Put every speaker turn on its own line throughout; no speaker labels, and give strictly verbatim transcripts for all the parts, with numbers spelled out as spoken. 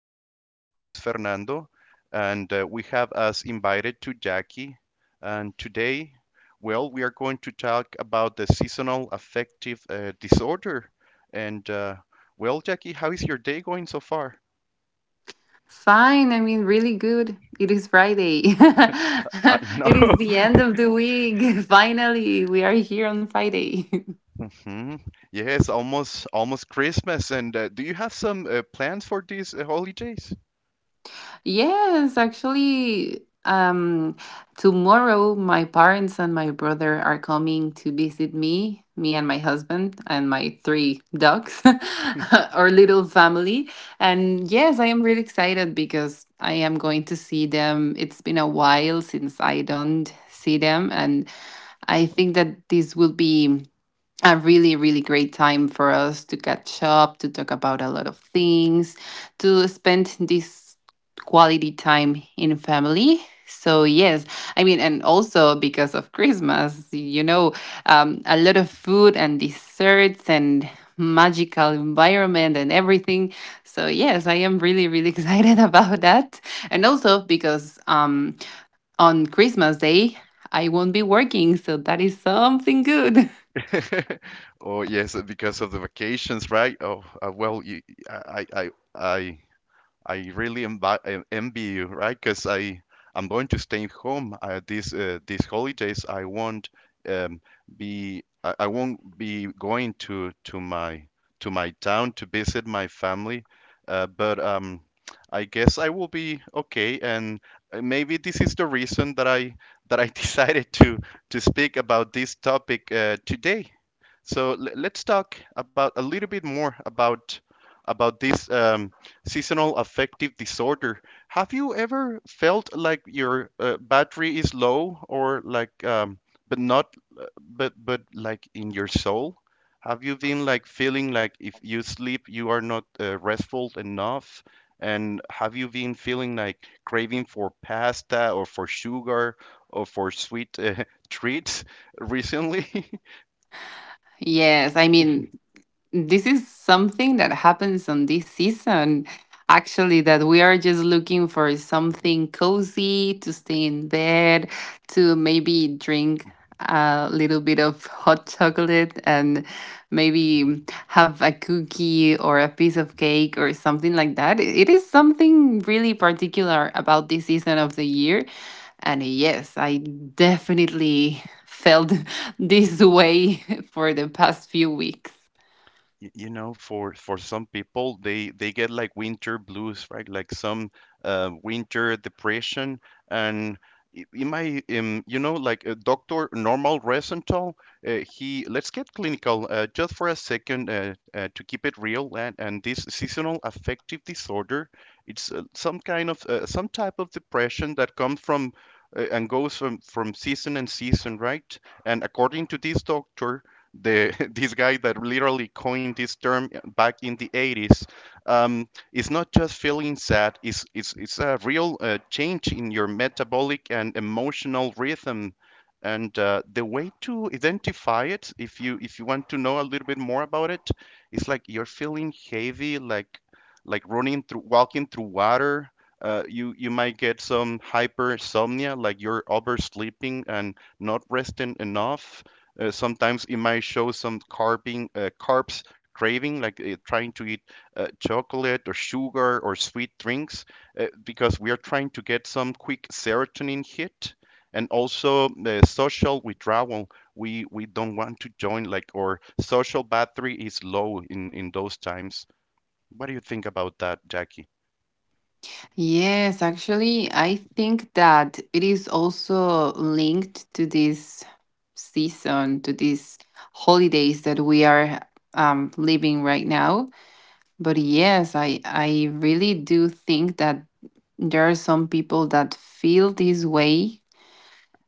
your host is Fernando, and uh, we have us invited to Jackie. And today, well, we are going to talk about the seasonal affective uh, disorder. And uh, Well, Jackie, how is your day going so far?
Fine, I mean, really good. It is Friday.
I know.
It is the end of the week. Finally, we are here on Friday.
Hmm. Yes, almost almost Christmas. And uh, do you have some uh, plans for these uh, holidays?
Yes, actually, um, tomorrow my parents and my brother are coming to visit me, me and my husband and my three dogs, our little family. And yes, I am really excited because I am going to see them. It's been a while since I don't see them, and I think that this will be a really, really great time for us to catch up, to talk about a lot of things, to spend this quality time in family. So, yes, I mean, and also because of Christmas, you know, um, a lot of food and desserts and magical environment and everything. So, yes, I am really, really excited about that. And also because, um, on Christmas Day, I won't be working. So that is something good.
Oh yes, because of the vacations, right? Oh, uh, well, you, I, I, I, I really envi- en- envy you, right? Because I, I'm going to stay home uh, these uh, these holidays. I won't um, be, I, I won't be going to to my to my town to visit my family. Uh, but um, I guess I will be okay, and uh, maybe this is the reason that I that I decided to to speak about this topic uh, today. So l- let's talk about a little bit more about about this um, seasonal affective disorder. Have you ever felt like your uh, battery is low, or like, um, but not, uh, but but like in your soul? Have you been like feeling like if you sleep, you are not uh, restful enough? And have you been feeling like craving for pasta or for sugar or for sweet uh, treats recently?
Yes, I mean, this is something that happens on this season. Actually, that we are just looking for something cozy to stay in bed, to maybe drink a little bit of hot chocolate and maybe have a cookie or a piece of cake or something like that. It is something really particular about this season of the year. And yes, I definitely felt this way for the past few weeks.
Y- you know for for some people they they get like winter blues, right? Like some uh, winter depression and i- in my um, you know, like uh, Dr. Normal Resenthal, uh, he, let's get clinical uh, just for a second uh, uh, to keep it real. And, and this seasonal affective disorder, it's uh, some kind of uh, some type of depression that comes from uh, and goes from from season and season, right? And according to this doctor, the this guy that literally coined this term back in the eighties, um, it's not just feeling sad. It's, it's, it's a real uh, change in your metabolic and emotional rhythm. And uh, the way to identify it, if you if you want to know a little bit more about it, it's like you're feeling heavy, like like running through walking through water. Uh, you you might get some hypersomnia, like you're oversleeping and not resting enough. Uh, sometimes it might show some carping, uh, carbs craving, like uh, trying to eat uh, chocolate or sugar or sweet drinks, uh, because we are trying to get some quick serotonin hit. And also uh, social withdrawal. We we don't want to join, like our social battery is low in in those times. What do you think about that, Jackie?
Yes, actually, I think that it is also linked to this season, to these holidays that we are um, living right now. But yes, I, I really do think that there are some people that feel this way.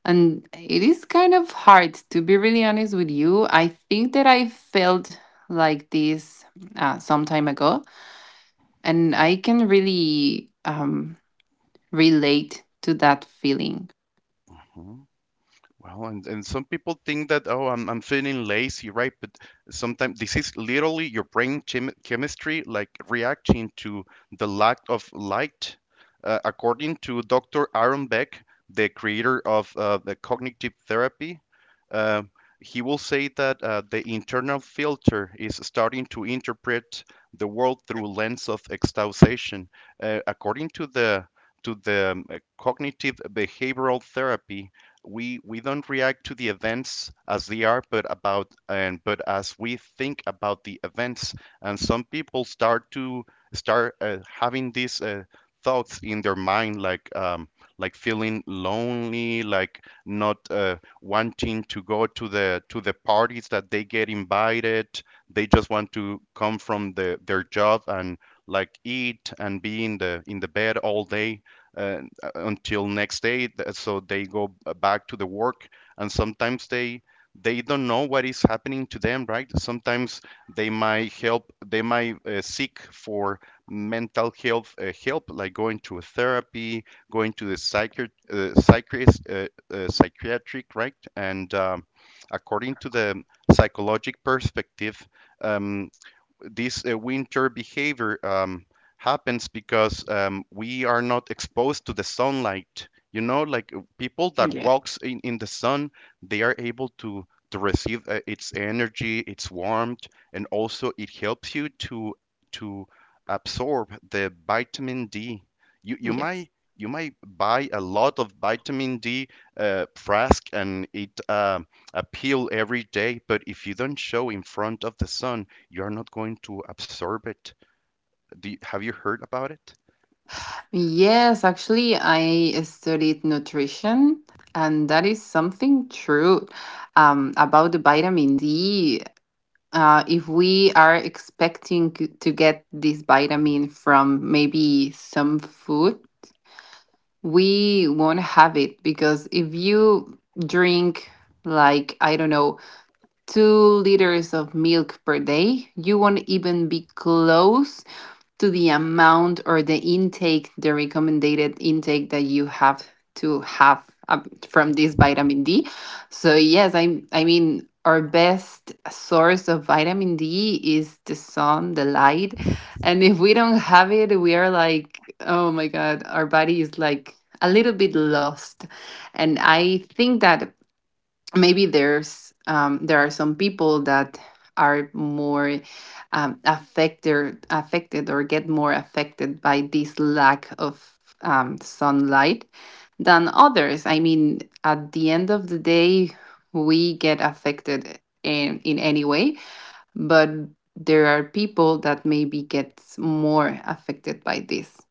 And it is kind of hard. To be really honest with you, I think that I felt like this uh, some time ago, and I can really um, relate to that feeling.
Mhm. Well, and, and some people think that, oh, I'm, I'm feeling lazy, right? But sometimes this is literally your brain chem chemistry like reacting to the lack of light. Uh, according to doctor Aaron Beck, the creator of uh, the cognitive therapy, uh, he will say that uh, the internal filter is starting to interpret the world through lens of exhaustion. Uh, according to the to the um, uh, cognitive behavioral therapy, we we don't react to the events as they are, but about and but as we think about the events. And some people start to start uh, having these uh, thoughts in their mind, like um, like feeling lonely, like not uh, wanting to go to the to the parties that they get invited. They just want to come from the their job and like eat and be in the in the bed all day, uh, uh, until next day, so they go back to the work. And sometimes they they don't know what is happening to them, right? Sometimes they might help they might uh, seek for mental health uh, help, like going to a therapy, going to the psychiat uh, psychiatrist, uh, uh, psychiatric, right? And um, according to the psychological perspective, um, this uh, winter behavior um, happens because um, we are not exposed to the sunlight. You know, like uh, people that
Yeah.
walks in, in the sun, they are able to to receive uh, its energy, its warmth, and also it helps you to to absorb the vitamin D. You you
Yes.
might you might buy a lot of vitamin D uh, frask and eat uh, a pill every day, but if you don't show in front of the sun, you're not going to absorb it. Do you- have you heard about it?
Yes, actually, I studied nutrition, and that is something true um, about the vitamin D. Uh, if we are expecting c- to get this vitamin from maybe some food, we won't have it, because if you drink, like, I don't know, two liters of milk per day, you won't even be close to the amount or the intake, the recommended intake that you have to have uh, from this vitamin D. So yes, I I mean, our best source of vitamin D is the sun, the light, and if we don't have it, we are like, oh my god, our body is like a little bit lost. And I think that maybe there's um, there are some people that are more um, affected affected or get more affected by this lack of um, sunlight than others. I mean, at the end of the day, we get affected in in any way, but there are people that maybe get more affected by this.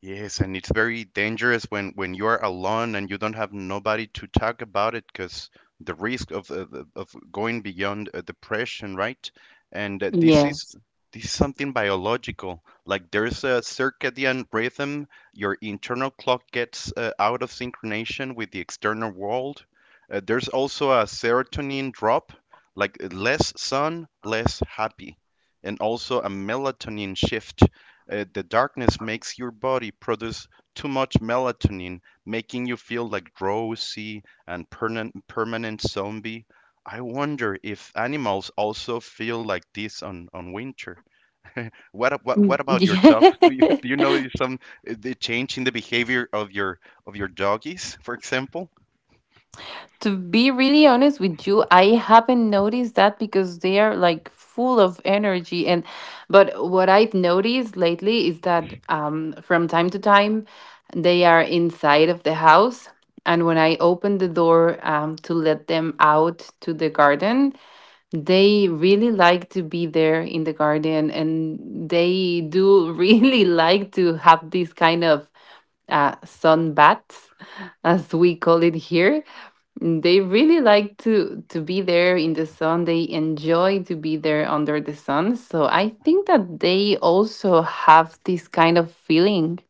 Yes, and it's very dangerous when when you are alone and you don't have nobody to talk about it, because the risk of uh, the- of going beyond uh, depression, right? And uh, this is this is something biological. Like there's a circadian rhythm, your internal clock gets uh, out of synchronization with the external world. Uh, there's also a serotonin drop, like uh, less sun, less happy, and also a melatonin shift. Uh, the darkness makes your body produce too much melatonin, making you feel like drowsy and permanent permanent zombie. I wonder if animals also feel like this on, on winter. What, ab- what
Mm,
what about your dogs? Do you do you
yeah.
know some uh, the change in the behavior of your of your doggies, for example?
To be really honest with you, I haven't noticed that, because they are like full of energy. And but what I've noticed lately is that um from time to time they are inside of the house, and when I open the door um to let them out to the garden, they really like to be there in the garden, and they do really like to have these kind of uh sun baths, as we call it here. Mm, they really like to to be there in the sun. They enjoy to be there under the sun. So I think that they also have this kind of feeling.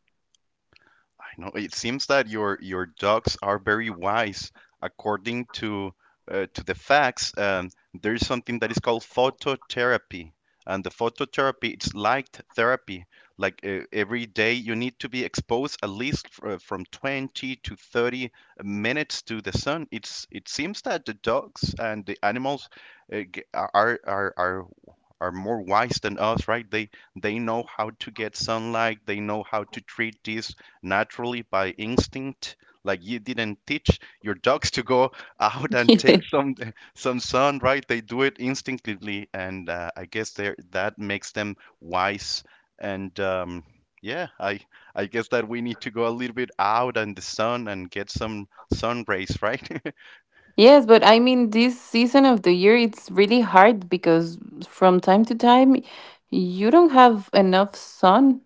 I know, it seems that your your dogs are very wise. According to uh, to the facts, um, there is something that is called phototherapy, and the phototherapy, it's light therapy. Like uh, every day, you need to be exposed at least f- uh, from twenty to thirty minutes to the sun. It's it seems that the dogs and the animals uh, g- are are are are more wise than us, right? They they know how to get sunlight. They know how to treat this naturally by instinct. Like you didn't teach your dogs to go out and take some some sun, right? They do it instinctively, and uh, I guess there that makes them wise. And um, Yeah, I I guess that we need to go a little bit out in the sun and get some sun rays, right?
Yes, but I mean, this season of the year, it's really hard, because from time to time, you don't have enough sun.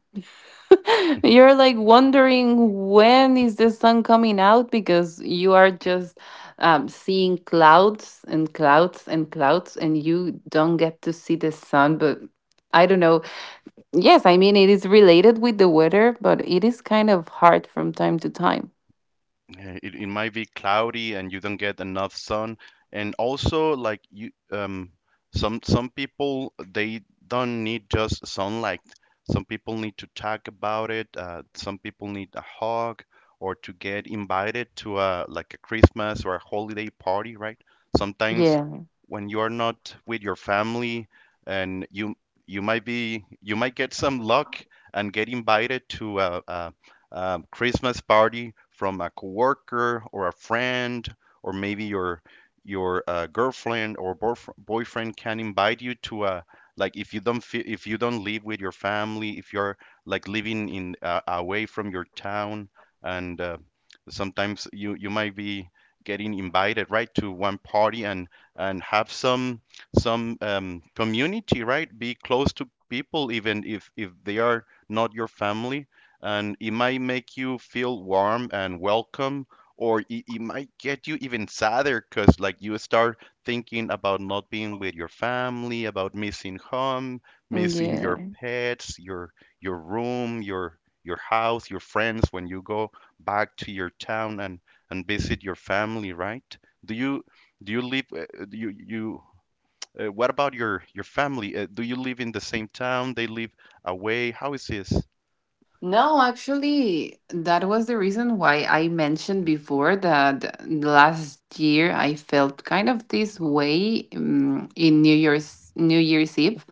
You're like wondering when is the sun coming out, because you are just um, seeing clouds and clouds and clouds, and you don't get to see the sun. But I don't know. Yes, I mean, it is related with the weather, but it is kind of hard from time to time.
Yeah, It, it might be cloudy and you don't get enough sun. And also, like you, um, some some people they don't need just sunlight. Some people need to talk about it. Uh, some people need a hug or to get invited to a like a Christmas or a holiday party, right? Sometimes
Yeah.
when you're not with your family and you you might be you might get some luck and get invited to a, a um, Christmas party from a coworker or a friend, or maybe your your uh, girlfriend or boyf- boyfriend can invite you to a, like if you don't feel, if you don't live with your family, if you're like living in uh, away from your town, and uh, sometimes you you might be getting invited, right, to one party, and and have some some um, community, right, be close to people, even if if they are not your family. And it might make you feel warm and welcome, or it, it might get you even sadder because, like, you start thinking about not being with your family, about missing home, missing your
Yeah.
pets, your your room, your your house, your friends, when you go back to your town and and visit your family, right? Do you do you live? Uh, uh, do you you uh, What about your your family? Uh, do you live in the same town? They live away. How is this?
No, actually, that was the reason why I mentioned before that last year I felt kind of this way um, in New Year's New Year's Eve,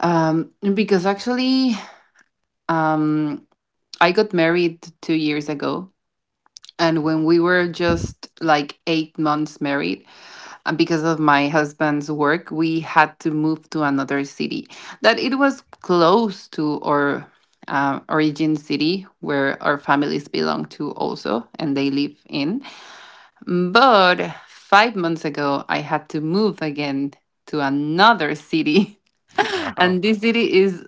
um, because actually, um, I got married two years ago, and when we were just like eight months married, uh, because of my husband's work, we had to move to another city that it was close to our uh, origin city where our families belong to also, and they live in. But five months ago, I had to move again to another city.
Wow.
And this city, is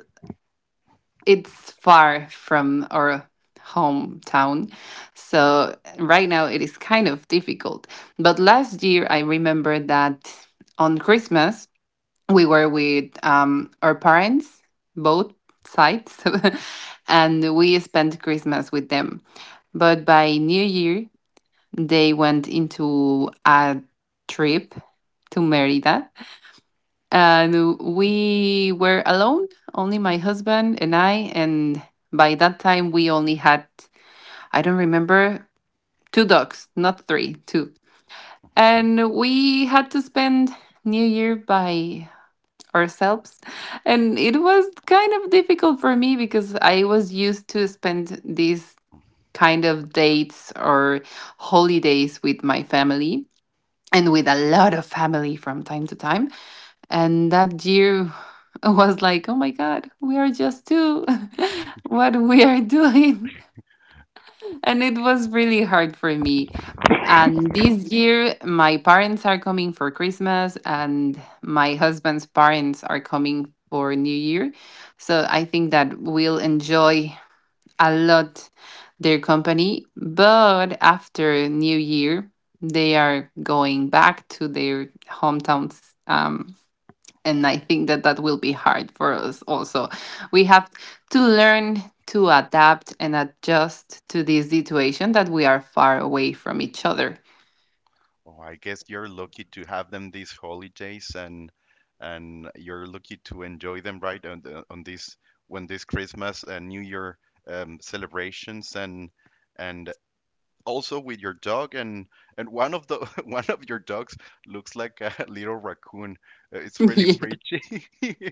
it's far from our hometown. So right now it is kind of difficult. But last year I remember that on Christmas we were with um, our parents, both sides, and we spent Christmas with them. But by New Year they went into a trip to Merida, and we were alone, only my husband and I. And by that time, we only had, I don't remember, two dogs, not three, two. And we had to spend New Year by ourselves. And it was kind of difficult for me, because I was used to spend these kind of dates or holidays with my family, and with a lot of family from time to time, and that year was like, oh my God, we are just two. What we are doing. And it was really hard for me. And this year, my parents are coming for Christmas, and my husband's parents are coming for New Year. So I think that we'll enjoy a lot their company. But after New Year, they are going back to their hometowns, um, and I think that that will be hard for us also. We have to learn to adapt and adjust to this situation that we are far away from each other.
Oh, I guess you're lucky to have them these holidays, and and you're lucky to enjoy them right on the, on this, when this Christmas and New Year um, celebrations, and and also with your dog, and and one of the one of your dogs looks like a little raccoon. Uh, It's really
Yeah.
pretty.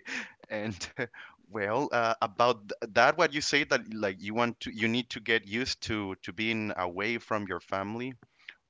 And uh, well, uh, about th- that, what you say, that like you want to you need to get used to to being away from your family.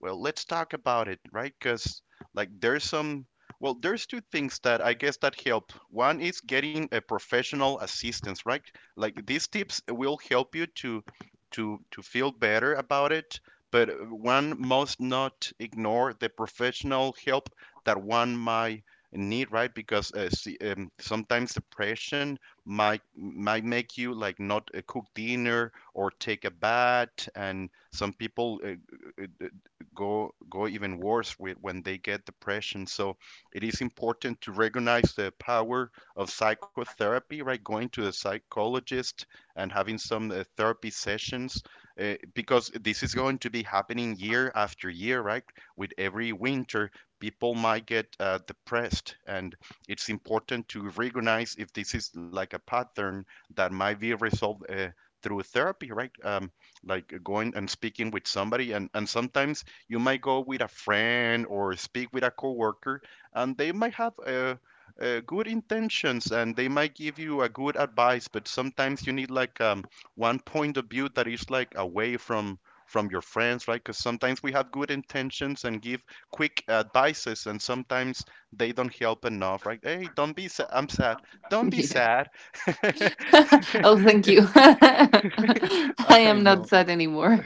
Well, let's talk about it, right? Because like there's some well, there's two things that I guess that help. One is getting a professional assistance, right? Like these tips will help you to to to feel better about it, but one must not ignore the professional help that one might need, right? Because uh, see, um, sometimes depression might might make you like not uh, cook dinner or take a bath, and some people uh, uh, go go even worse with when they get depression. So it is important to recognize the power of psychotherapy, right? Going to the psychologist and having some uh, therapy sessions, uh, because this is going to be happening year after year, right? With every winter, people might get uh, depressed, and it's important to recognize if this is like a pattern that might be resolved uh, through therapy, right? Um, like going and speaking with somebody, and and sometimes you might go with a friend or speak with a coworker, and they might have uh, uh, good intentions and they might give you a good advice, but sometimes you need like um, one point of view that is like away from from your friends, right? Because sometimes we have good intentions and give quick advices, and sometimes they don't help enough, right? Hey, don't be sad. I'm sad. Don't be
Yeah.
sad.
Oh, thank you. I
I
am not
know.
sad anymore.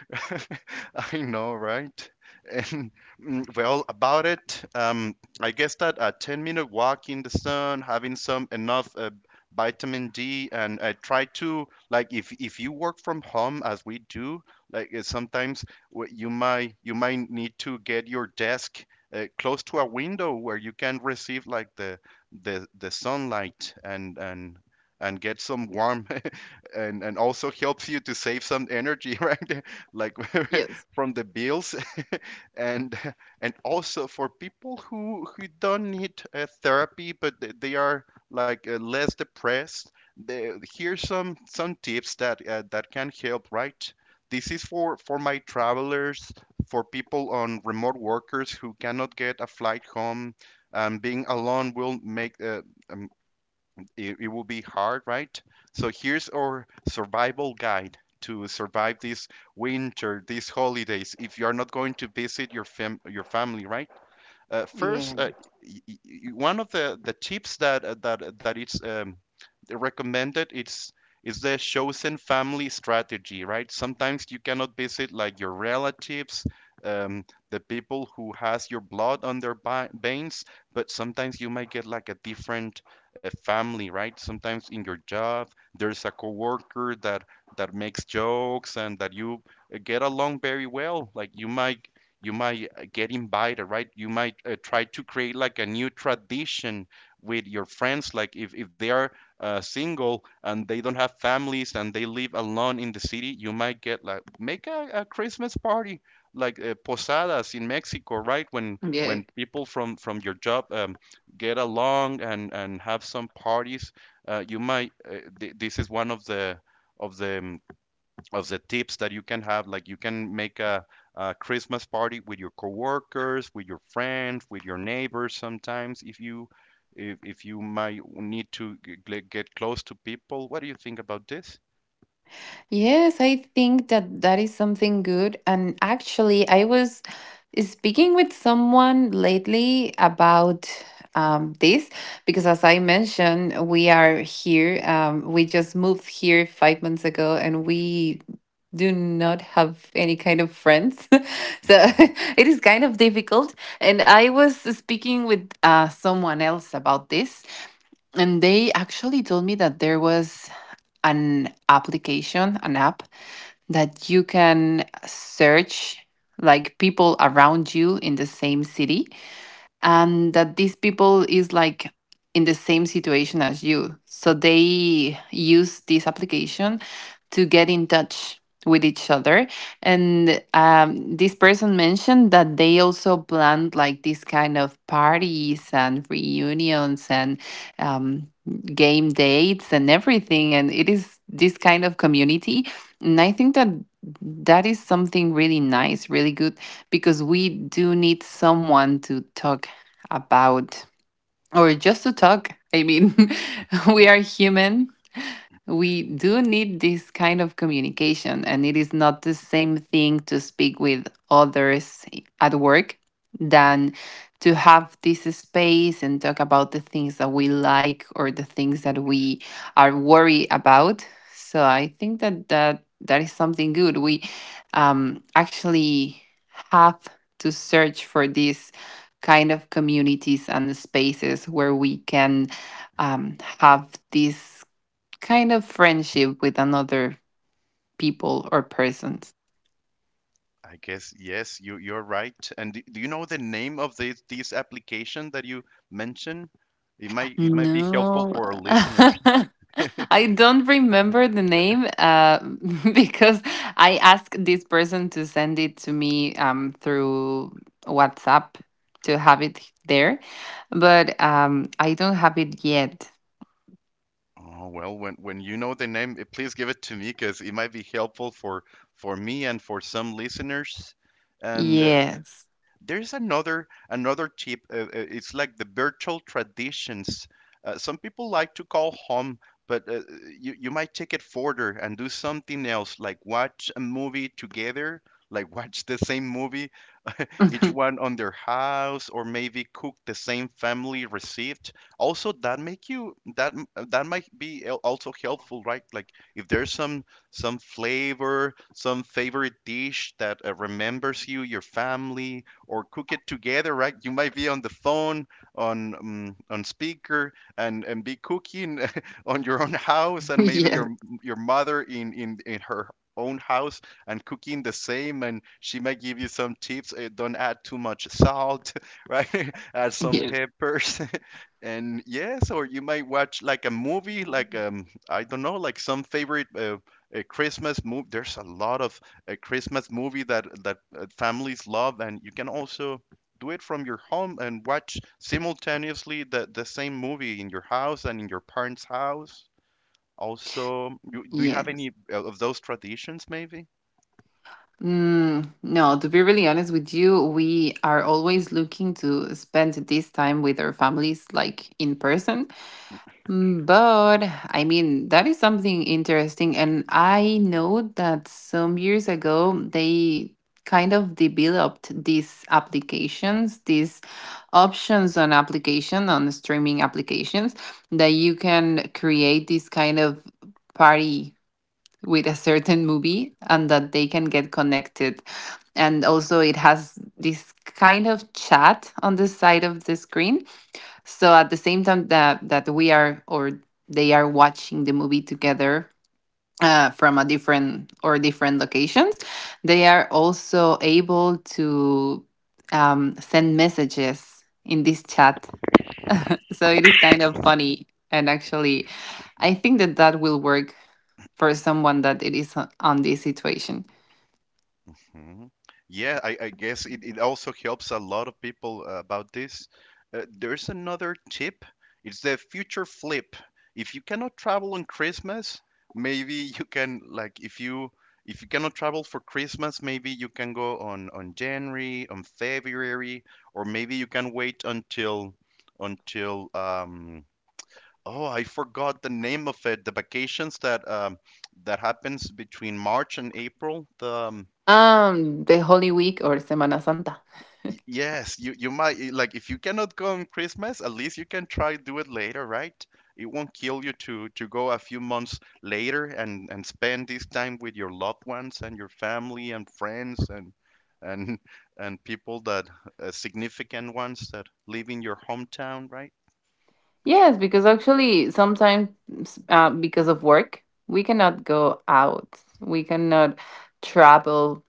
I know, right? And mm, well, about it, um, I guess that a ten minute walk in the sun, having some enough uh, vitamin D, and I try to like if if you work from home as we do, like uh, sometimes what you might you might need to get your desk uh, close to a window where you can receive like the the the sunlight and and and get some warm and and also helps you to save some energy, right, like,
Yes.
from the bills. and and also for people who who don't need uh, therapy but they they are like uh, less depressed, the, here's some some tips that uh, that can help, right? This is for for my travelers, for people on remote workers who cannot get a flight home. Um, being alone will make uh, um, it, it will be hard, right? So here's our survival guide to survive this winter, these holidays. If you are not going to visit your fam your family, right? Uh, first,
Yeah.
uh, y- y- y- one of the, the tips that uh, that that it's um, recommended it's is the chosen family strategy, right? Sometimes you cannot visit like your relatives, um, the people who has your blood on their bi- veins, but sometimes you might get like a different uh, family, right? Sometimes in your job, there's a coworker that that makes jokes and that you uh, get along very well. Like you might you might uh, get invited, right? You might uh, try to create like a new tradition with your friends, like if, if they are uh, single and they don't have families and they live alone in the city, you might get like make a, a christmas party like uh, posadas in mexico, right? when
Yeah.
when people from from your job um, get along and and have some parties. Uh, you might uh, th- this is one of the of the um, of the tips that you can have. Like you can make a, a Christmas party with your coworkers, with your friends, with your neighbors. Sometimes, if you if, if you might need to g- get close to people, what do you think about this?
Yes, I think that that is something good. And actually, I was speaking with someone lately about um, this, because, as I mentioned, we are here. Um, we just moved here five months ago, and we do not have any kind of friends. So
Mhm.
it is kind of difficult. And I was speaking with uh, someone else about this, and they actually told me that there was an application, an app, that you can search like people around you in the same city, and that these people is like in the same situation as you, so they use this application to get in touch with each other. And um, this person mentioned that they also planned like this kind of parties and reunions and um, game dates and everything, and it is this kind of community. And I think that that is something really nice, really good, because we do need someone to talk about, or just to talk. I mean, we are human, we do need this kind of communication, and it is not the same thing to speak with others at work than to have this space and talk about the things that we like or the things that we are worried about. So I think that that, that is something good. We, um, actually, have to search for these kind of communities and spaces where we can um, have this kind of friendship with another people or persons.
I guess yes, you you're right. And do, do you know the name of this this application that you mentioned? It might it might be helpful
No.
for our listeners.
I don't remember the name, uh, because I asked this person to send it to me um, through WhatsApp to have it there, but um, I don't have it yet.
Oh, well, when when you know the name, eh, please give it to me because it might be helpful for for me and for some listeners. And uh,
Yes.
there's another another tip. Uh, uh, it's like the virtual traditions. Uh, some people like to call home, but uh, you you might take it further and do something else, like watch a movie together, like watch the same movie each one on their house or maybe cook the same family receipt. Also that make you that m- that might be al- also helpful, right? Like if there's some some flavor, some favorite dish that uh, remembers you your family, or cook it together, right? You might be on the phone on um, on speaker and and be cooking on your own house, and maybe your
Yes.
your mother in in in her own house and cooking the same, and she might give you some tips. Uh, don't add too much salt, right, add some
Yes.
peppers. And yes, or you might watch like a movie like um I don't know, like some favorite uh, a christmas movie. There's a lot of a christmas movie that that uh, families love, and you can also do it from your home and watch simultaneously the, the same movie in your house and in your parents' house. Also you, do you have
Yes.
any uh, of those traditions maybe?
Mm, no, to be really honest with you, we are always looking to spend this time with our families, like in person. Mm, but I mean, that is something interesting. And I know that some years ago, they kind of developed these applications, these options on application, on streaming applications, that you can create this kind of party with a certain movie, and that they can get connected. And also, it has this kind of chat on the side of the screen. So at the same time that, that we are, or they are, watching the movie together, uh, from a different or different locations, they are also able to um, send messages in this chat, so it is kind of funny. And actually, I think that that will work for someone that it is o- on this situation.
Mhm. Yeah, I, I guess it, it also helps a lot of people uh, about this. Uh, there's another tip. It's the future flip. If you cannot travel on Christmas, maybe you can like if you, if you cannot travel for Christmas, maybe you can go on on January, on February, or maybe you can wait until until um oh, I forgot the name of it. The vacations that um that happens between March and April. The um,
Um, the Holy Week or Semana Santa.
Y- Yes, you you might eh, like if you cannot go on Christmas, at least you can try do it later, right? It won't kill you to to go a few months later and and spend this time with your loved ones and your family and friends, and and and people that uh, significant ones that live in your hometown, right?
Yes, because actually sometimes, uh, because of work, we cannot go out. We cannot travel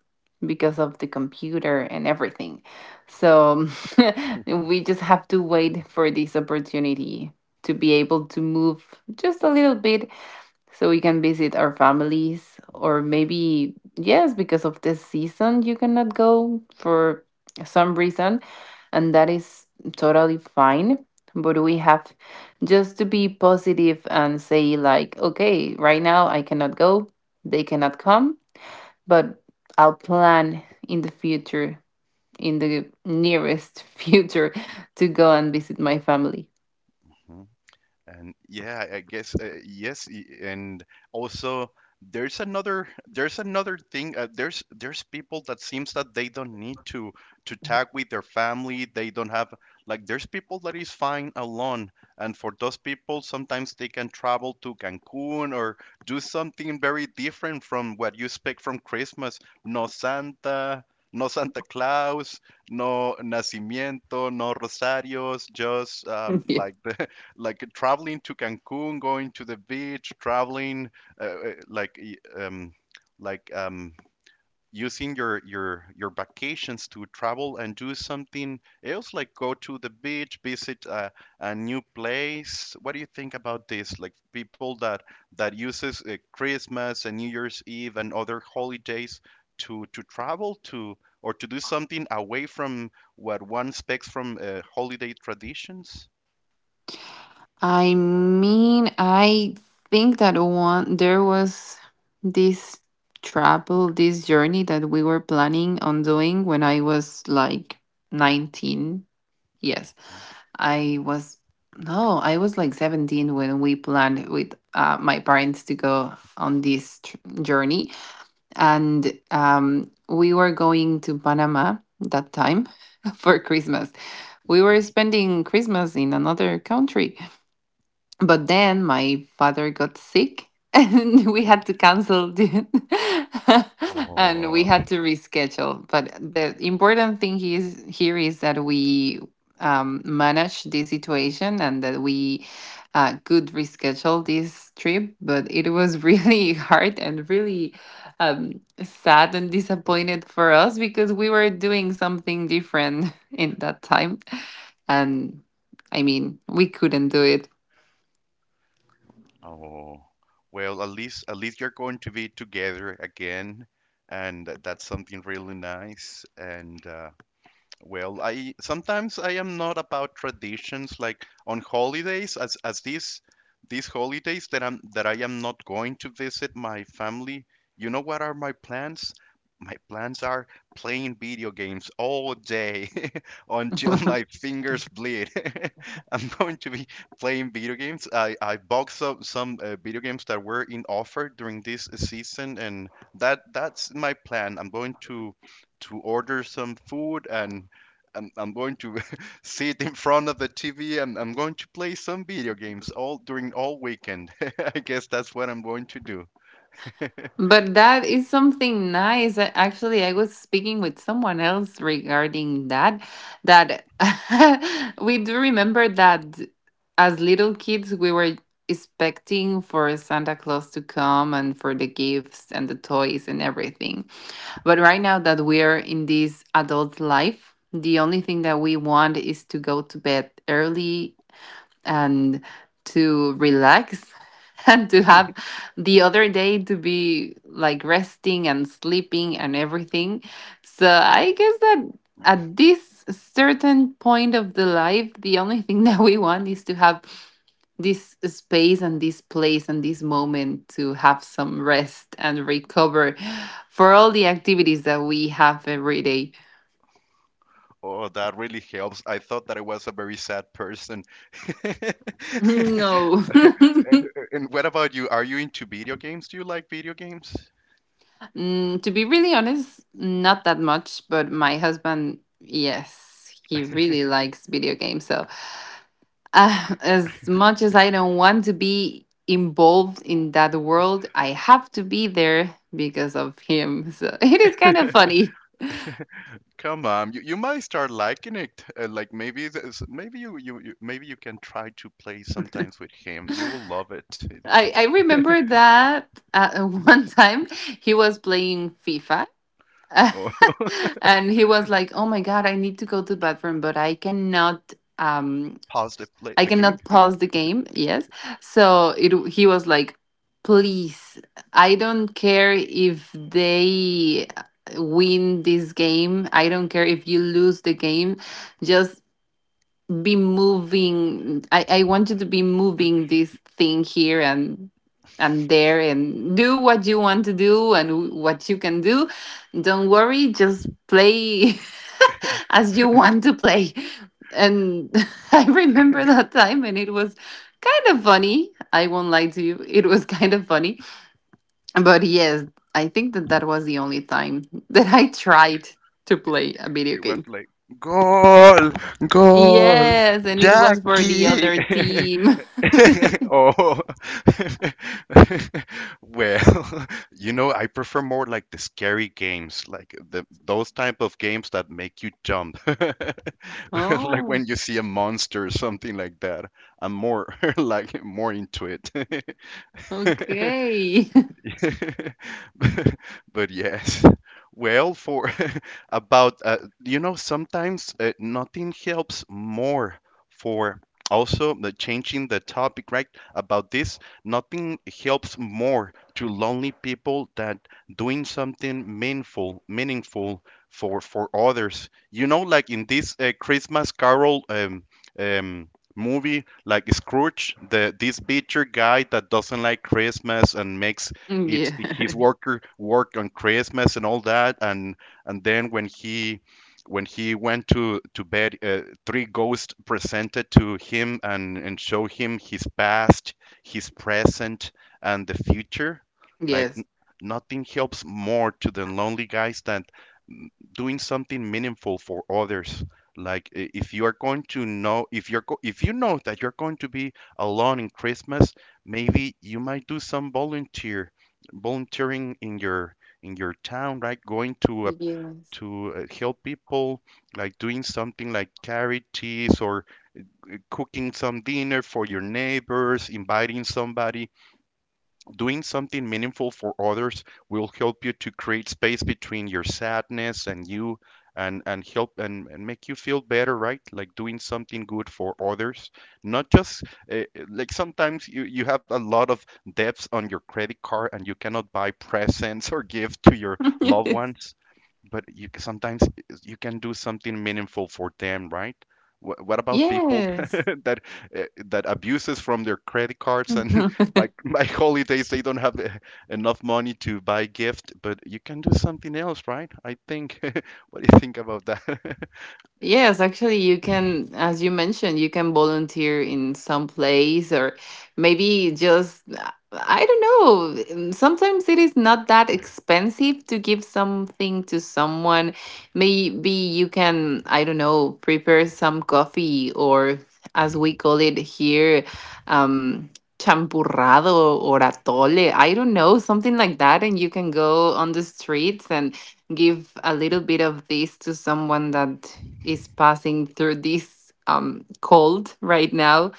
because of the computer and everything. So we just have to wait for this opportunity to be able to move just a little bit, so we can visit our families. Or maybe yes, because of the season, you cannot go for some reason, and that is totally fine. But we have just to be positive and say like, okay, right now I cannot go, they cannot come, but I'll plan in the future, in the nearest future, to go and visit my family.
Mm-hmm. And yeah, I guess uh, yes, y- and also there's another there's another thing. Uh, there's there's people that seems that they don't need to to tag with their family. They don't have like there's people that is fine alone, and for those people, sometimes they can travel to Cancun or do something very different from what you expect from Christmas. No Santa, no Santa Claus, no nacimiento, no rosarios, just um,
Yeah.
like the like traveling to Cancun, going to the beach, traveling, uh, uh, like um, like um, using your your your vacations to travel and do something else, like go to the beach, visit a, a new place. What do you think about this? Like people that that uses uh, Christmas and New Year's Eve and other holidays to to travel to or to do something away from what one expects from uh, holiday traditions.
I mean, I think that one there was this travel, this journey that we were planning on doing when I was like nineteen. Yes. I was no, I was like seventeen when we planned with uh, my parents to go on this tr- journey and um we were going to Panama that time for Christmas. We were
Mm-hmm.
spending Christmas in another country, but then my father got sick and we had to cancel the and we
Oh,
had to reschedule. But the important thing is here is that we um, managed this situation and that we uh, could reschedule this trip. But it was really hard and really um, sad and disappointed for us because we were doing something different in that time. And I mean, we couldn't do it.
oh. Well, at least at least you're going to be together again, and th- that's something really nice. And uh, well, I sometimes I am not about traditions like on holidays as as these these holidays that I'm that I am not going to visit my family. You know what are my plans? My plans are playing video games all day until my fingers bleed. I'm going to be playing video games. I, I bought some some uh, video games that were in offer during this season, and that that's my plan. I'm going to to order some food, and I'm, I'm going to sit in front of the T V and I'm going to play some video games all during all weekend. I guess that's what I'm going to do.
But that is something nice. A- Actually, I was speaking with someone else regarding that. That we do remember that as little kids, we were expecting for Santa Claus to come and for the gifts and the toys and everything. But right now that we're in this adult life, the only thing that we want is to go to bed early and to relax and to have the other day to be like resting and sleeping and everything. So I guess that at this certain point of the life, the only thing that we want is to have this space and this place and this moment to have some rest and recover for all the activities that we have every day.
Oh, that really helps. I thought that I was a very sad person. and,
No.
and what about you? Are you into video games? Do you like video games?
Mm, to be really honest, not that much, but my husband, yes, he really likes video games. So, uh, as much as I don't want to be involved in that world, I have to be there because of him. So, it is kind of funny.
Come on, you, you might start liking it. Uh, like maybe this, maybe you, you, you maybe you can try to play sometimes with him. You will love it.
I, I remember that uh, one time he was playing FIFA.
Oh,
And he was like, "Oh my god, I need to go to the bathroom, but I cannot um
pause the play
I
the game.
cannot pause the game." Yes. So it he was like, please, I don't care if they win this game. I don't care if you lose the game. Just be moving. I, I want you to be moving this thing here and and there and do what you want to do and what you can do. Don't worry, just play as you want to play. And I remember that time, and it was kind of funny. I won't lie to you, it was kind of funny. But yes, I think that that was the only time that I tried to play a video
It was
game.
like goal, goal,
Yes, and it was for the
Jackie.
other team.
Oh, well, you know, I prefer more like the scary games, like the those type of games that make you jump, like
Oh,
when you see a monster or something like that. I'm more like more into it.
okay.
but, but yes. Well, for about uh, you know sometimes uh, nothing helps more for also the changing the topic, right? About this, nothing helps more to lonely people than doing something meaningful meaningful for for others, you know, like in this uh, christmas carol um, um, movie like Scrooge, the this butcher guy that doesn't like Christmas and makes
Yeah.
it's his worker worked on Christmas and all that, and and then when he when he went to to bed, uh, three ghosts presented to him and and show him his past, his present, and the future. Like
Yes.
n- nothing helps more to the lonely guys than mm, doing something meaningful for others. Like i- if you are going to know if you're go- if you know that you're going to be alone in Christmas, maybe you might do some volunteer volunteering in your in your town, right? Going to uh,
Yes.
to uh, help people, like doing something like charities or cooking some dinner for your neighbors, inviting somebody. Doing something meaningful for others will help you to create space between your sadness and you and and help and, and make you feel better, right? Like doing something good for others. Not just uh, like sometimes you, you have a lot of debts on your credit card and you cannot buy presents or gift to your loved ones, but you c- sometimes you can do something meaningful for them, right? Wh- What about
Yes.
people
Yes.
that uh, that abuses from their credit cards, and by by holidays they don't have the- enough money to buy gift, but you can do something else, right? I think. What do you think about that?
Yes, actually, you can, as you mentioned, you can volunteer in some place or maybe just, uh, I don't know. mm, Sometimes it is not that expensive to give something to someone. Maybe you can, I don't know, prepare some coffee, or as we call it here, um, champurrado or atole. I don't know, something like that. And you can go on the streets and give a little bit of this to someone that is passing through this um, cold right now.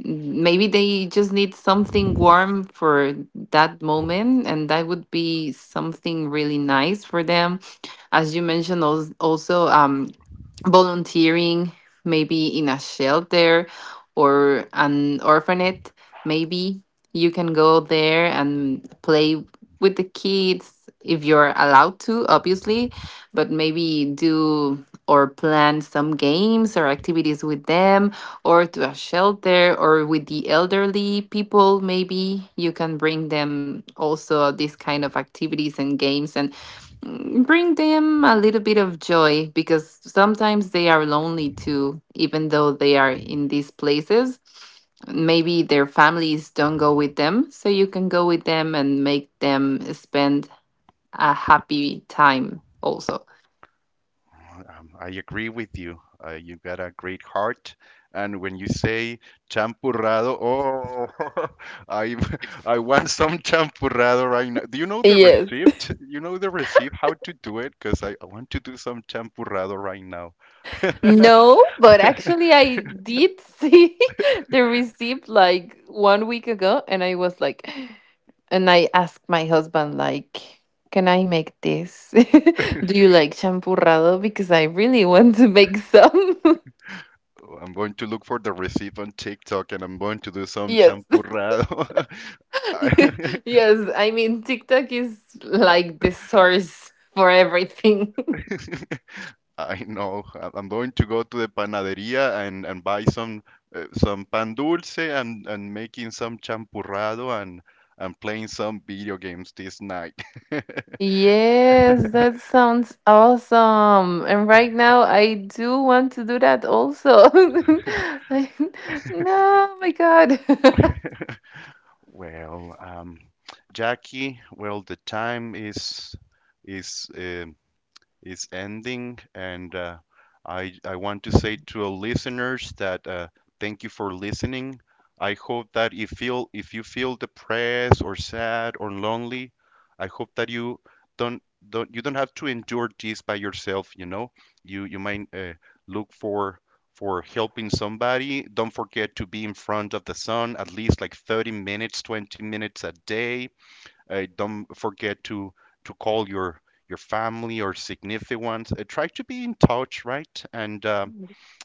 Maybe they just need something warm for that moment, and that would be something really nice for them. As you mentioned, als- also um, volunteering, maybe in a shelter or an orphanage. Maybe you can go there and play with the kids, if you're allowed to, obviously. But maybe do or plan some games or activities with them, or to a shelter or with the elderly people. Maybe you can bring them also these kind of activities and games, and mm, bring them a little bit of joy, because sometimes they are lonely too, even though they are in these places. Maybe their families don't go with them, so you can go with them and make them spend a happy time also.
Um, I agree with you. Uh, you got a great heart, and when you say champurrado, oh, I I want some champurrado right now. Do you know the
Yes.
receipt? You know the receipt? How to do it? Because I, I want to do some champurrado right now.
No, but actually, I did see the receipt like one week ago, and I was like, and I asked my husband, like, can I make this? Do you like champurrado? Because I really want to make some.
I'm going to look for the receipt on TikTok and I'm going to do some
Yes.
champurrado. I
Yes. I mean, TikTok is like the source for everything.
I know. I- I'm going to go to the panaderia, and, and buy some uh, some pan dulce and, and making some champurrado and and playing some video games this night.
Yes, that sounds awesome. And right now, I do want to do that also. I, no, my God.
Well, um, Jackie, well, the time is is um is ending, and uh, I I want to say to our listeners that uh, thank you for listening. I hope that if feel if you feel depressed or sad or lonely, I hope that you don't don't you don't have to endure this by yourself. You know, you you might uh, look for for helping somebody. Don't forget to be in front of the sun at least like thirty minutes, twenty minutes a day. Uh, don't forget to to call your your family or significant ones. Uh, try to be in touch, right? And uh,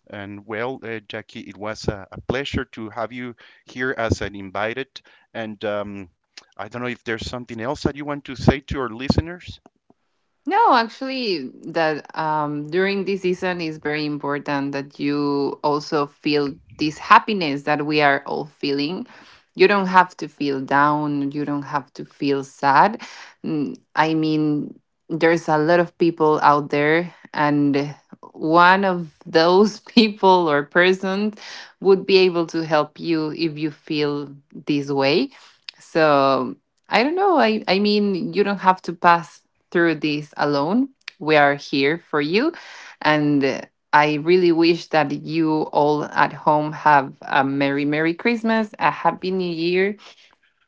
and well, uh, Jackie, it was a, a pleasure to have you here as an invited. And um, I don't know if there's something else that you want to say to our listeners.
No, actually, that um, during this season is very important that you also feel this happiness that we are all feeling. You don't have to feel down. You don't have to feel sad. Mm, I mean, there's a lot of people out there, and one of those people or persons would be able to help you if you feel this way. So I don't know. I, I mean, you don't have to pass through this alone. We are here for you. And uh, I really wish that you all at home have a Merry, Merry Christmas, a Happy New Year,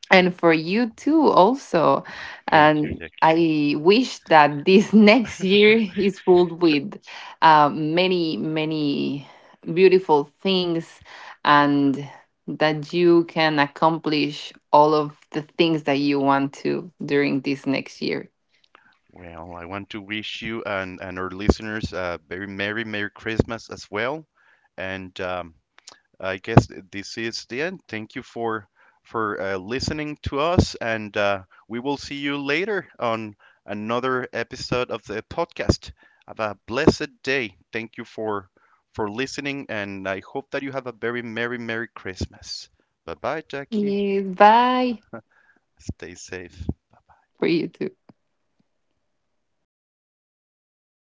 and for you too, also.
Thank you,
And
Jackie.
I wish that this next year is filled with uh, many, many beautiful things and that you can accomplish all of the things that you want to during this next year.
Well, I want to wish you and, and our listeners a very Merry, Merry Christmas as well. And um, I guess this is the end. Thank you for for uh, listening to us, and uh, we will see you later on another episode of the podcast. Have a blessed day. Thank you for for listening, and I hope that you have a very merry, merry Christmas. Bye bye, Jackie.
Yes, bye
Stay safe.
for you too.